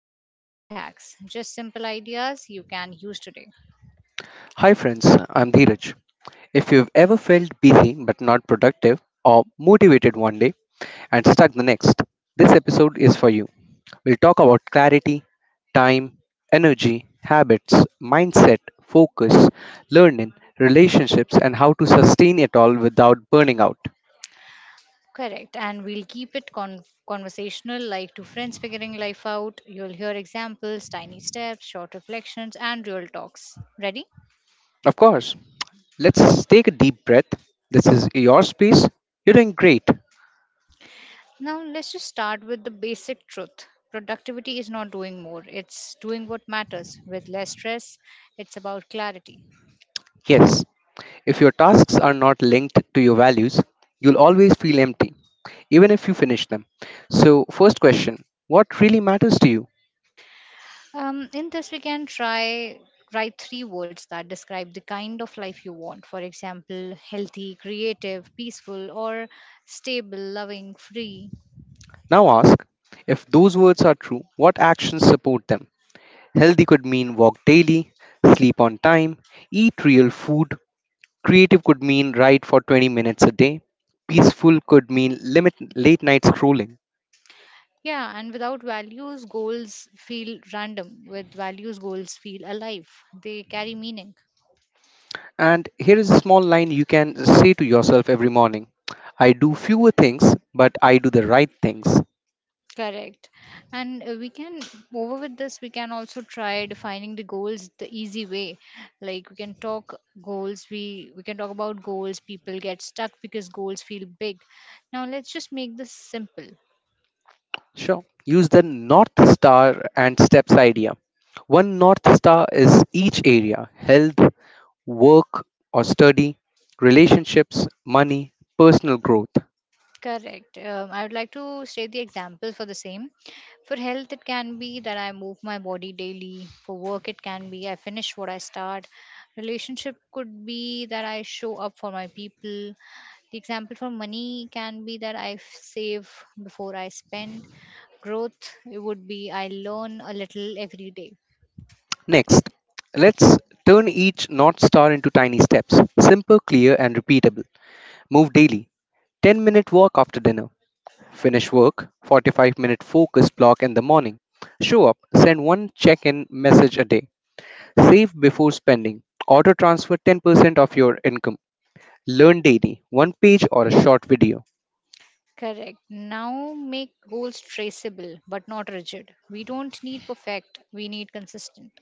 no unrealistic hacks, just simple ideas you can use today. Hi friends, I'm Dheeraj. If you've ever felt busy but not productive, or motivated one day and stuck the next, this episode is for you. We'll talk about clarity, time, energy, habits, mindset, focus, learning, relationships, and how to sustain it all without burning out. Correct, and we'll keep it conversational, like two friends figuring life out. You'll hear examples, tiny steps, short reflections, and real talks. Ready? Of course, let's take a deep breath. This is your space. You're doing great. Now, let's just start with the basic truth. Productivity is not doing more, it's doing what matters with less stress. It's about clarity. Yes, if your tasks are not linked to your values, you'll always feel empty, even if you finish them. So, first question: What really matters to you? In this, we can try write three words that describe the kind of life you want. For example, healthy, creative, peaceful, or stable, loving, free. Now ask, if those words are true, what actions support them? Healthy could mean walk daily, sleep on time, eat real food. Creative could mean write for 20 minutes a day. Peaceful could mean limit late night scrolling. Yeah, and without values, goals feel random. With values, goals feel alive, they carry meaning. And here is a small line you can say to yourself every morning: I do fewer things, but I do the right things. Correct. And over with this, we can also try defining the goals the easy way. Like we can talk about goals. People get stuck because goals feel big. Now let's just make this simple. Sure. Use the North Star and steps idea. One North Star is each area: health, work or study, relationships, money, personal growth. Correct. I would like to state the example for the same. For health, it can be that I move my body daily. For work, it can be I finish what I start. Relationship could be that I show up for my people. The example for money can be that I save before I spend. Growth, it would be I learn a little every day. Next, let's turn each North Star into tiny steps, simple, clear, and repeatable. Move daily, 10-minute walk after dinner. Finish work, 45-minute focus block in the morning. Show up, send one check in message a day. Save before spending. Auto transfer 10% of your income. Learn daily, one page or a short video. Correct. Now make goals traceable but not rigid. We don't need perfect, we need consistent.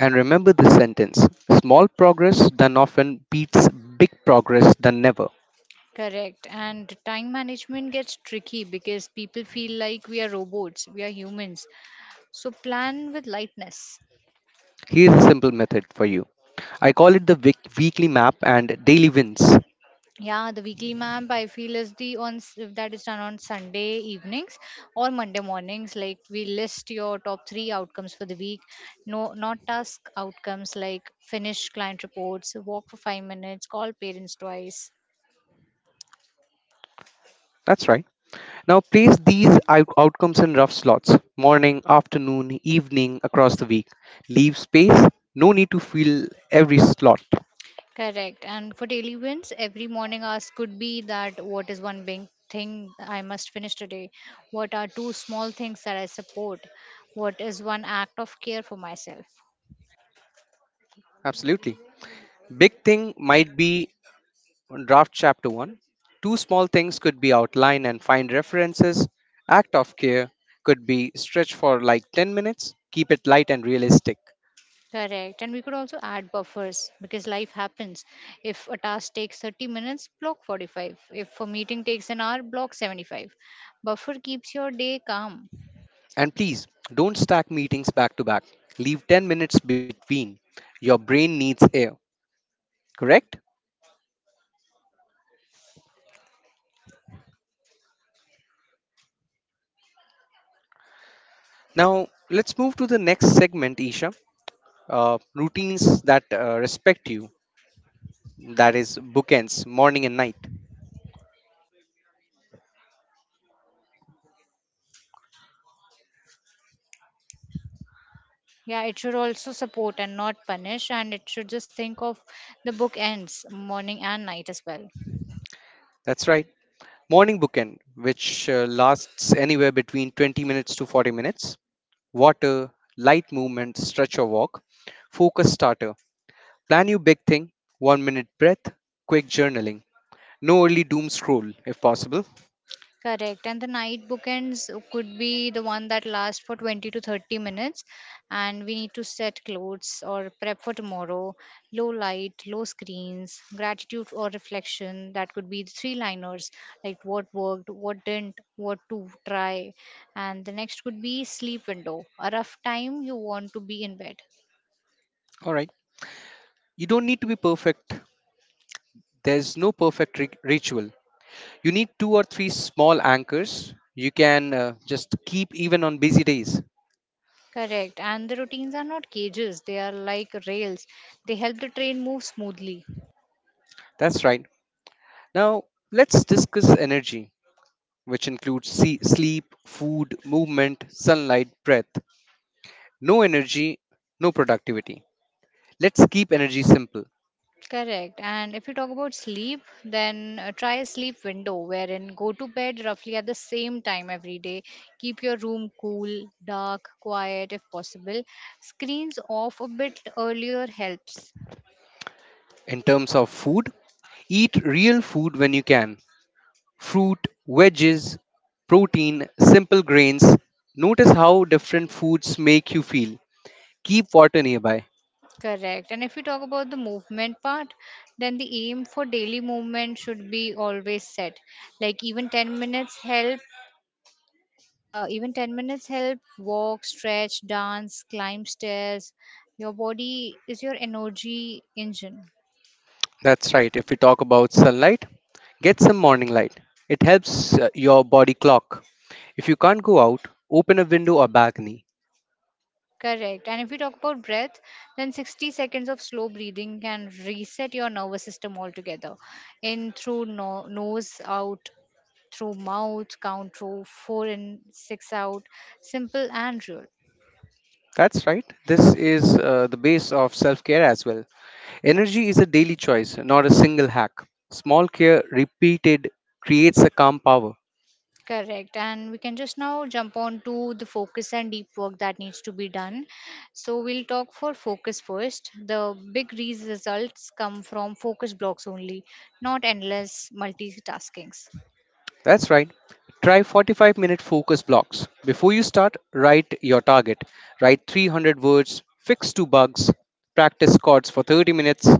And remember this sentence: small progress done often beats big progress done never. Correct. And time management gets tricky because people feel like we are robots, we are humans. So plan with lightness. Here's a simple method for you. I call it the weekly map and daily wins. Yeah, the weekly map I feel is the that is done on Sunday evenings or Monday mornings. Like we list your top three outcomes for the week. No, not task outcomes like finish client reports, walk for 5 minutes, call parents twice. That's right. Now place these outcomes in rough slots, morning, afternoon, evening, across the week. Leave space, no need to fill every slot. Correct. And for daily wins, every morning ask could be that what is one big thing I must finish today? What are two small things that I support? What is one act of care for myself? Absolutely. Big thing might be Draft Chapter 1. Two small things could be outlined and find references. Act of care could be stretched for like 10 minutes. Keep it light and realistic. Correct. And we could also add buffers because life happens. If a task takes 30 minutes, block 45. If a meeting takes an hour, block 75. Buffer keeps your day calm. And please don't stack meetings back to back. Leave 10 minutes between. Your brain needs air, correct? Now, let's move to the next segment, Isha. Routines that respect you, that is, bookends, morning and night. Yeah, it should also support and not punish. And it should just think of the book ends, morning and night as well. That's right. Morning bookend, which lasts anywhere between 20 minutes to 40 minutes. Water, light movement, stretch or walk, focus starter. Plan your big thing, one minute breath, quick journaling. No early doom scroll if possible. Correct. And the night bookends could be the one that lasts for 20 to 30 minutes. And we need to set clothes or prep for tomorrow. Low light, low screens, gratitude or reflection. That could be the three liners like what worked, what didn't, what to try. And the next could be sleep window, a rough time you want to be in bed. All right. You don't need to be perfect. There's no perfect ritual. You need two or three small anchors you can just keep even on busy days. Correct. And the routines are not cages, they are like rails. They help the train move smoothly. That's right. Now, let's discuss energy, which includes sleep, food, movement, sunlight, breath. No energy, no productivity. Let's keep energy simple. Correct. And if you talk about sleep, then try a sleep window wherein go to bed roughly at the same time every day. Keep your room cool, dark, quiet if possible. Screens off a bit earlier helps. In terms of food, eat real food when you can: fruit, veggies, protein, simple grains. Notice how different foods make you feel. Keep water nearby. Correct. And if you talk about the movement part, then the aim for daily movement should be always set. Like even 10 minutes help, walk, stretch, dance, climb stairs. Your body is your energy engine. That's right, if we talk about sunlight, get some morning light. It helps your body clock. If you can't go out, open a window or balcony. Correct. And if we talk about breath, then 60 seconds of slow breathing can reset your nervous system altogether. In through nose, out through mouth, count through four and six out. Simple and real. That's right, this is the base of self care as well. Energy is a daily choice, not a single hack. Small care repeated creates a calm power. Correct. And we can just now jump on to the focus and deep work that needs to be done. So we'll talk for focus first. The big results come from focus blocks only, not endless multitaskings. That's right. Try 45-minute focus blocks. Before you start, write your target. Write 300 words, fix two bugs, practice chords for 30 minutes.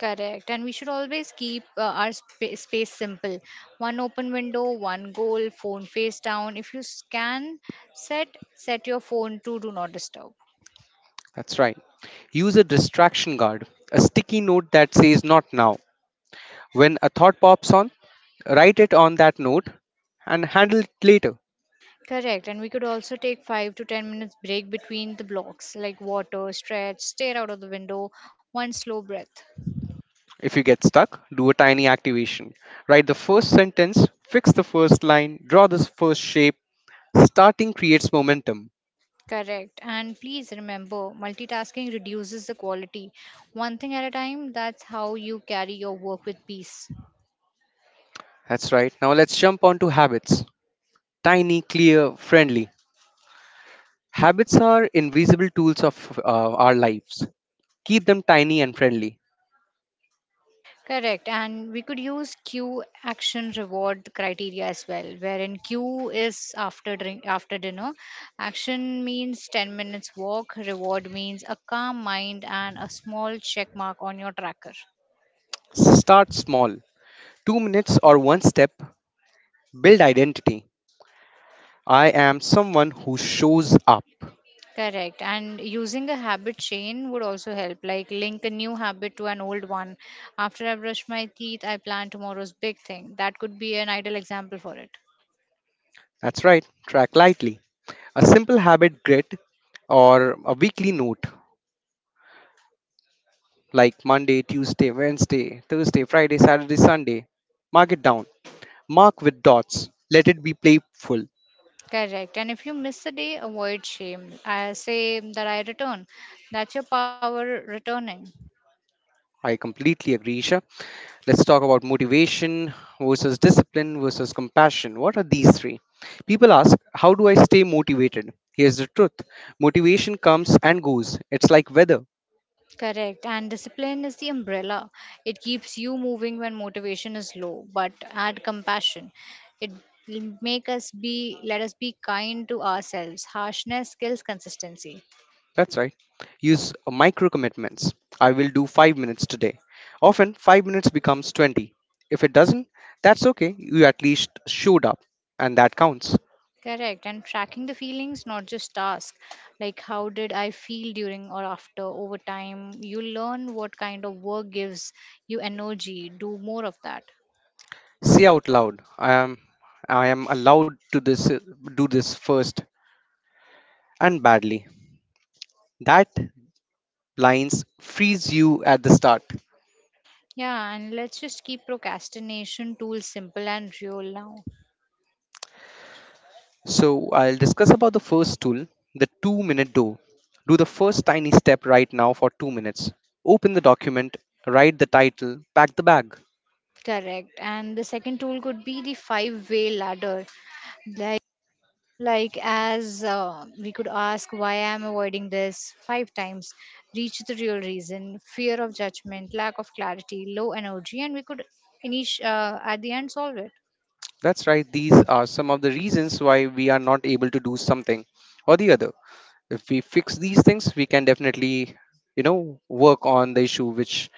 Correct. And we should always keep our space simple. One open window, one goal, phone face down. If you scan, set set your phone to do not disturb. That's right. Use a distraction guard, a sticky note that says not now. When a thought pops on, write it on that note and handle it later. Correct. And we could also take 5 to 10 minutes break between the blocks like water, stretch, stare out of the window, one slow breath. If you get stuck, do a tiny activation. Write the first sentence, fix the first line, draw the first shape. Starting creates momentum. Correct. And please remember, multitasking reduces the quality. One thing at a time, that's how you carry your work with peace. That's right. Now let's jump on to habits. Tiny, clear, friendly. Habits are invisible tools of our lives. Keep them tiny and friendly. Correct. And we could use Q action reward criteria as well, wherein Q is after drink after dinner. Action means 10 minutes walk, reward means a calm mind and a small check mark on your tracker. Start small. 2 minutes or one step. Build identity: I am someone who shows up. Correct. And using a habit chain would also help, like link a new habit to an old one. After I brush my teeth, I plan tomorrow's big thing. That could be an ideal example for it. That's right. Track lightly. A simple habit grid or a weekly note like Monday, Tuesday, Wednesday, Thursday, Friday, Saturday, Sunday. Mark it down. Mark with dots. Let it be playful. Correct. And if you miss a day, avoid shame. I say that I return. That's your power returning. I completely agree, Isha. Let's talk about motivation versus discipline versus compassion. What are these three? People ask, how do I stay motivated? Here's the truth: motivation comes and goes. It's like weather. Correct. And discipline is the umbrella. It keeps you moving when motivation is low, but add compassion. It will make us be let us be kind to ourselves. Harshness kills consistency. That's right. Use micro commitments. I will do 5 minutes today. Often 5 minutes becomes 20. If it doesn't, that's okay. You at least showed up and that counts. Correct. And tracking the feelings, not just task. Like how did I feel during or after over time? You learn what kind of work gives you energy. Do more of that. Say out loud, I am allowed to this do this first and badly. That lines frees you at the start. Yeah, and let's just keep procrastination tools simple and real now. So I'll discuss about the first tool, the 2-minute do. Do the first tiny step right now for 2 minutes. Open the document, write the title, pack the bag. Correct. And the second tool could be the five-way ladder. Like, as we could ask, why I'm avoiding this five times, reach the real reason, fear of judgment, lack of clarity, low energy, and we could finish at the end solve it. That's right, these are some of the reasons why we are not able to do something or the other. If we fix these things, we can definitely, you know, work on the issue which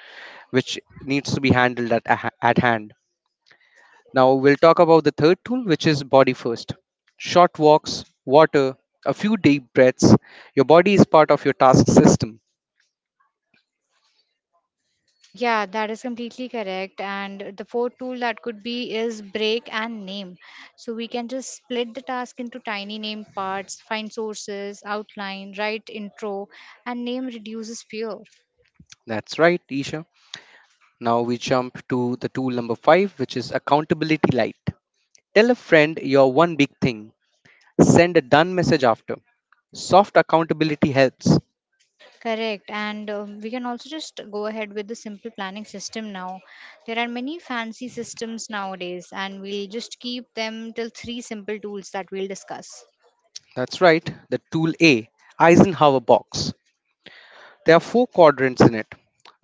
which needs to be handled at hand. Now we'll talk about the third tool, which is body first. Short walks, water, a few deep breaths. Your body is part of your task system. Yeah, that is completely correct. And the fourth tool that could be is break and name. So we can just split the task into tiny name parts, find sources, outline, write intro, and name reduces fear. That's right, Isha. Now we jump to the tool number five, which is accountability light. Tell a friend your one big thing. Send a done message after. Soft accountability helps. Correct. And we can also just go ahead with the simple planning system now. There are many fancy systems nowadays, and we'll just keep them till three simple tools that we'll discuss. That's right, the tool A, Eisenhower box. There are four quadrants in it: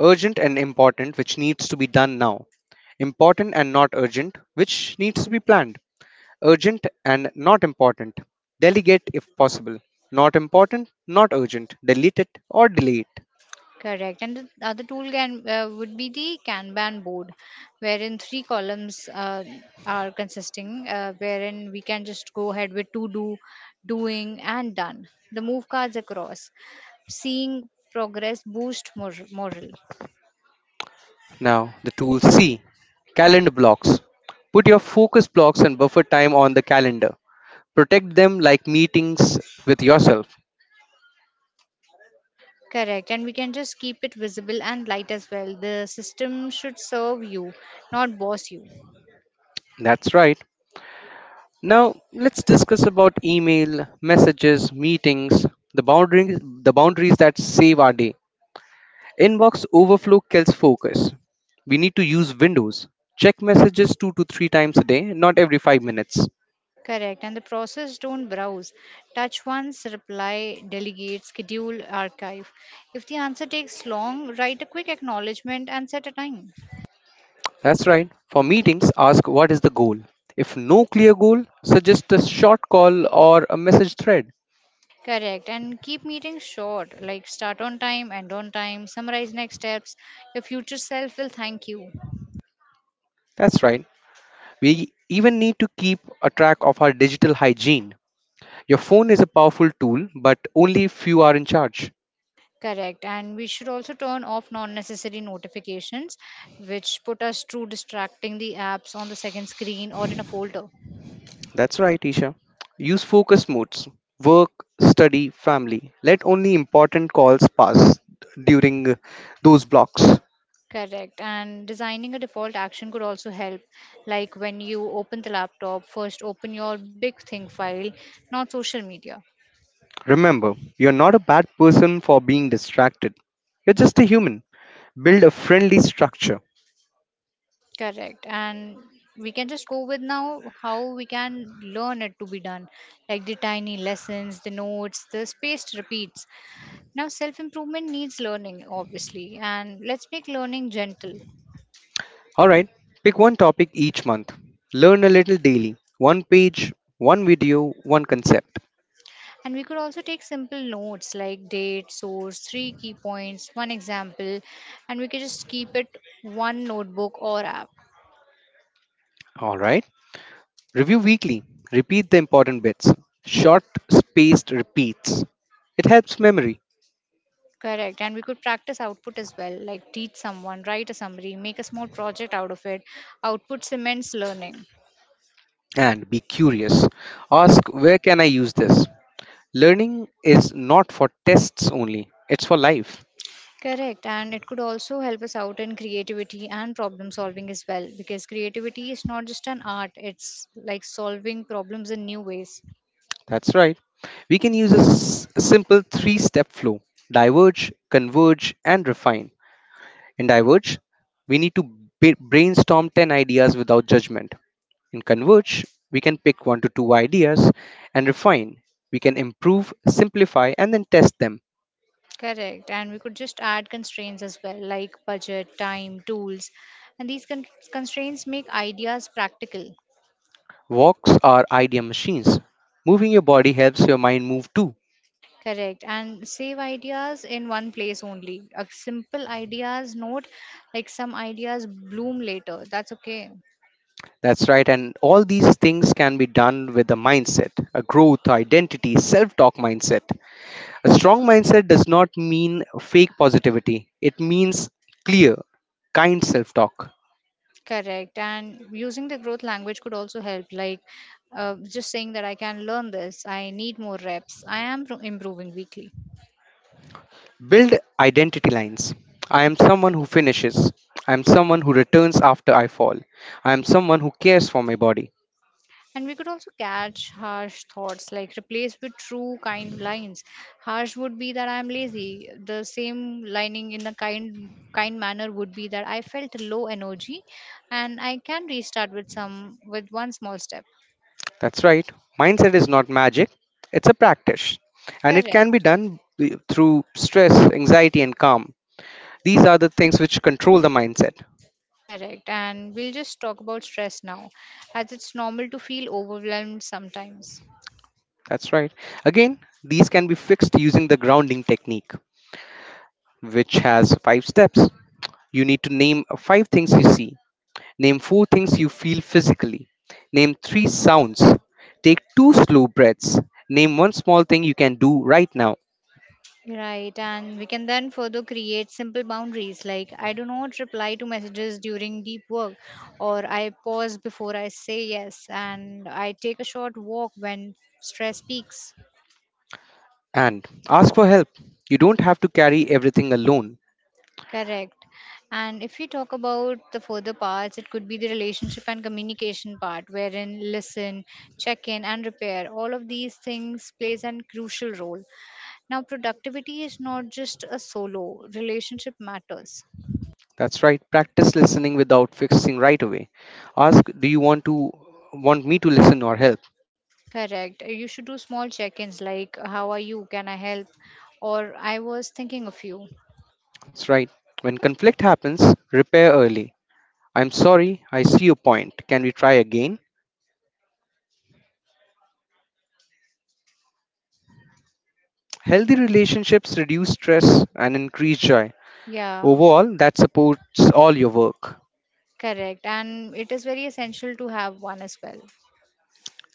urgent and important, which needs to be done now; important and not urgent, which needs to be planned; urgent and not important, delegate if possible; not important, not urgent, delete it or delay it. Correct. And the other tool can would be the Kanban board, wherein three columns are consisting, wherein we can just go ahead with to do, doing, and done. The move cards across, seeing progress boost morale. Now, the tool C, calendar blocks. Put your focus blocks and buffer time on the calendar. Protect them like meetings with yourself. Correct. And we can just keep it visible and light as well. The system should serve you, not boss you. That's right. Now, let's discuss about email, messages, meetings, the boundaries that save our day. Inbox overflow kills focus. We need to use windows. Check messages 2 to 3 times a day, not every 5 minutes. Correct. And the process don't browse. Touch once, reply, delegate, schedule, archive. If the answer takes long, write a quick acknowledgement and set a time. That's right. For meetings, ask what is the goal. If no clear goal, suggest a short call or a message thread. Correct. And keep meetings short, like start on time, end on time, summarize next steps. Your future self will thank you. That's right. We even need to keep a track of our digital hygiene. Your phone is a powerful tool, but only few are in charge. Correct. And we should also turn off non necessary notifications, which put us through distracting the apps on the second screen or in a folder. That's right, Isha. Use focus modes: work, study, family. Let only important calls pass during those blocks. Correct. And designing a default action could also help. Like when you open the laptop, first open your big thing file, not social media. Remember, you're not a bad person for being distracted. You're just a human. Build a friendly structure. Correct. And we can just go with now how we can learn it to be done, like the tiny lessons, the notes, the spaced repeats. Now, self improvement needs learning, obviously, and let's make learning gentle. Alright, pick one topic each month. Learn a little daily. One page, one video, one concept. And we could also take simple notes like date, source, three key points, one example, and we could just keep it one notebook or app. Alright. Review weekly. Repeat the important bits. Short spaced repeats. It helps memory. Correct. And we could practice output as well, like teach someone, write a summary, make a small project out of it. Output cements learning. And be curious. Ask, where can I use this? Learning is not for tests only, it's for life. Correct. And it could also help us out in creativity and problem solving as well, because creativity is not just an art, it's like solving problems in new ways. That's right. We can use a simple three step flow: diverge, converge, and refine. In Diverge, we need to brainstorm 10 ideas without judgment. In Converge, we can pick one to two ideas and refine. We can improve, simplify, and then test them. Correct. And we could just add constraints as well, like budget, time, tools. And these constraints make ideas practical. Walks are idea machines. Moving your body helps your mind move too. Correct. And save ideas in one place only. A simple ideas note, like some ideas bloom later. That's okay. That's right, and all these things can be done with a mindset, a growth, identity, self talk mindset. A strong mindset does not mean fake positivity, it means clear, kind self talk. Correct. And using the growth language could also help, like just saying that I can learn this, I need more reps, I am improving weekly. Build identity lines: I am someone who finishes. I am someone who returns after I fall. I am someone who cares for my body. And we could also catch harsh thoughts, like replace with true kind lines. Harsh would be that I'm lazy. The same lining in a kind manner would be that I felt low energy and I can restart with some with one small step. That's right. Mindset is not magic, it's a practice. And it Correct. can be done through stress, anxiety, and calm. These are the things which control the mindset. Correct. And we'll just talk about stress now, as it's normal to feel overwhelmed sometimes. That's right. Again, these can be fixed using the grounding technique, which has five steps. You need to name five things you see. Name four things you feel physically. Name three sounds. Take two slow breaths. Name one small thing you can do right now. Right, and we can then further create simple boundaries like I do not reply to messages during deep work, or I pause before I say yes, and I take a short walk when stress peaks. And ask for help. You don't have to carry everything alone. Correct. And if we talk about the further parts, it could be the relationship and communication part, wherein listen, check in, and repair. All of these things plays an crucial role. Now, productivity is not just a solo. Relationship matters. That's right. Practice listening without fixing right away. Ask, do you want me to listen or help? Correct. You should do small check ins like, how are you? Can I help? Or I was thinking of you. That's right. When conflict happens, repair early. I'm sorry, I see your point. Can we try again? Healthy relationships reduce stress and increase joy. Yeah, Overall, that supports all your work. correct. And it is very essential to have one as well.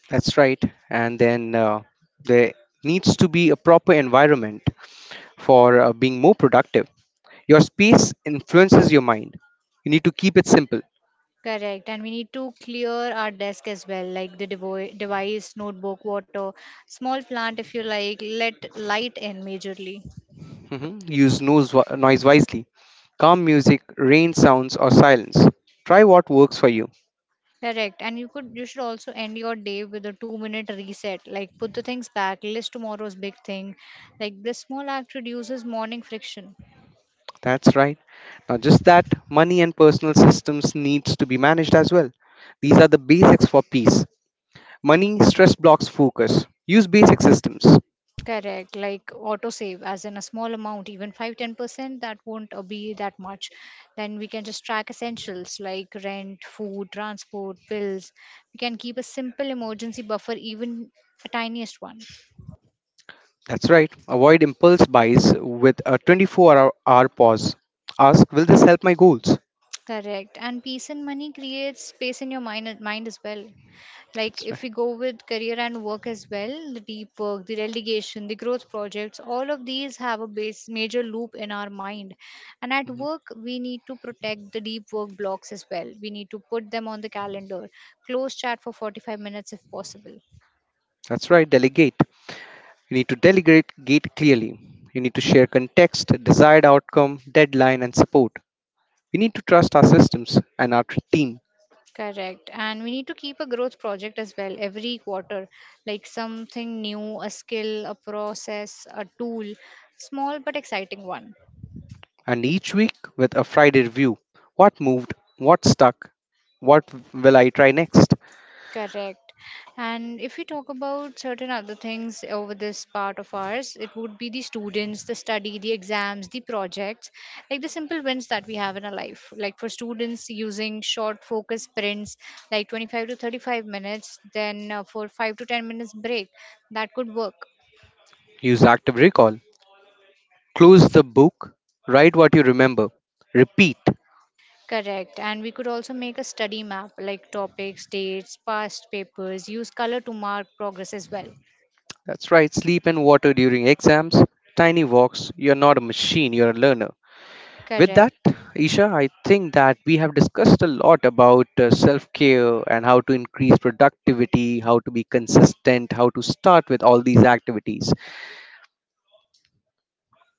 That's right. And then there needs to be a proper environment for being more productive. Your space influences your mind. You need to keep it simple. Correct. And we need to clear our desk as well, like the device, notebook, water, small plant if you like, let light in majorly. Mhm. Use noise wisely. Calm music, rain sounds, or silence. Try what works for you. Correct. And you could you should also end your day with a 2 minute reset. Like put the things back, list tomorrow's big thing. Like this small act reduces morning friction. That's right. Now, just that money and personal systems needs to be managed as well. These are the basics for peace. Money stress blocks focus. Use basic systems. Correct, like autosave, as in a small amount, even five, 10% that won't be that much. Then we can just track essentials like rent, food, transport, bills. We can keep a simple emergency buffer, even a tiniest one. That's right. Avoid impulse buys with a 24 hour pause. Ask, will this help my goals? Correct, and peace and money creates space in your mind as well. Like That's right. if we go with career and work as well, the deep work, the relegation, the growth projects, all of these have a base major loop in our mind. And at Mhm. work we need to protect the deep work blocks as well, we need to put them on the calendar, close chat for 45 minutes if possible. That's right. Delegate. You need to delegate gate clearly. You need to share context, desired outcome, deadline, and support. We need to trust our systems and our team. Correct. And we need to keep a growth project as well every quarter, like something new, a skill, a process, a tool, small but exciting one. And each week with a Friday review: what moved, what stuck, what will I try next? Correct. And if we talk about certain other things over this part of ours, it would be the students, the study, the exams, the projects, like the simple wins that we have in our life. Like for students, using short focus sprints, like 25 to 35 minutes, then for 5 to 10 minutes break, that could work. Use active recall. Close the book, write what you remember, repeat. Correct. And we could also make a study map, like topics, dates, past papers, use color to mark progress as well. That's right, sleep and water during exams, tiny walks. You're not a machine, you're a learner. With that, Correct. Isha, I think that we have discussed a lot about self care and how to increase productivity, how to be consistent, how to start with all these activities,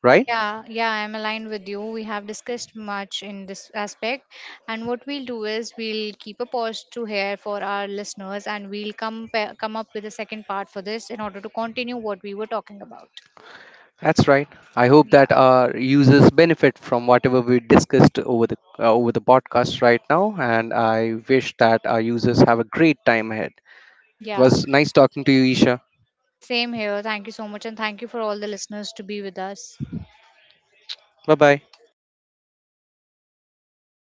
right? Yeah, yeah, I'm aligned with you. We have discussed much in this aspect, and what we'll do is we'll keep a pause to hear for our listeners, and we'll come come up with a second part for this in order to continue what we were talking about. That's right. I hope that Yeah, our users benefit from whatever we discussed over the podcast right now, and I wish that our users have a great time ahead. It yeah, was nice talking to you, Isha. same here. Thank you so much, and thank you for all the listeners to be with us. Bye bye.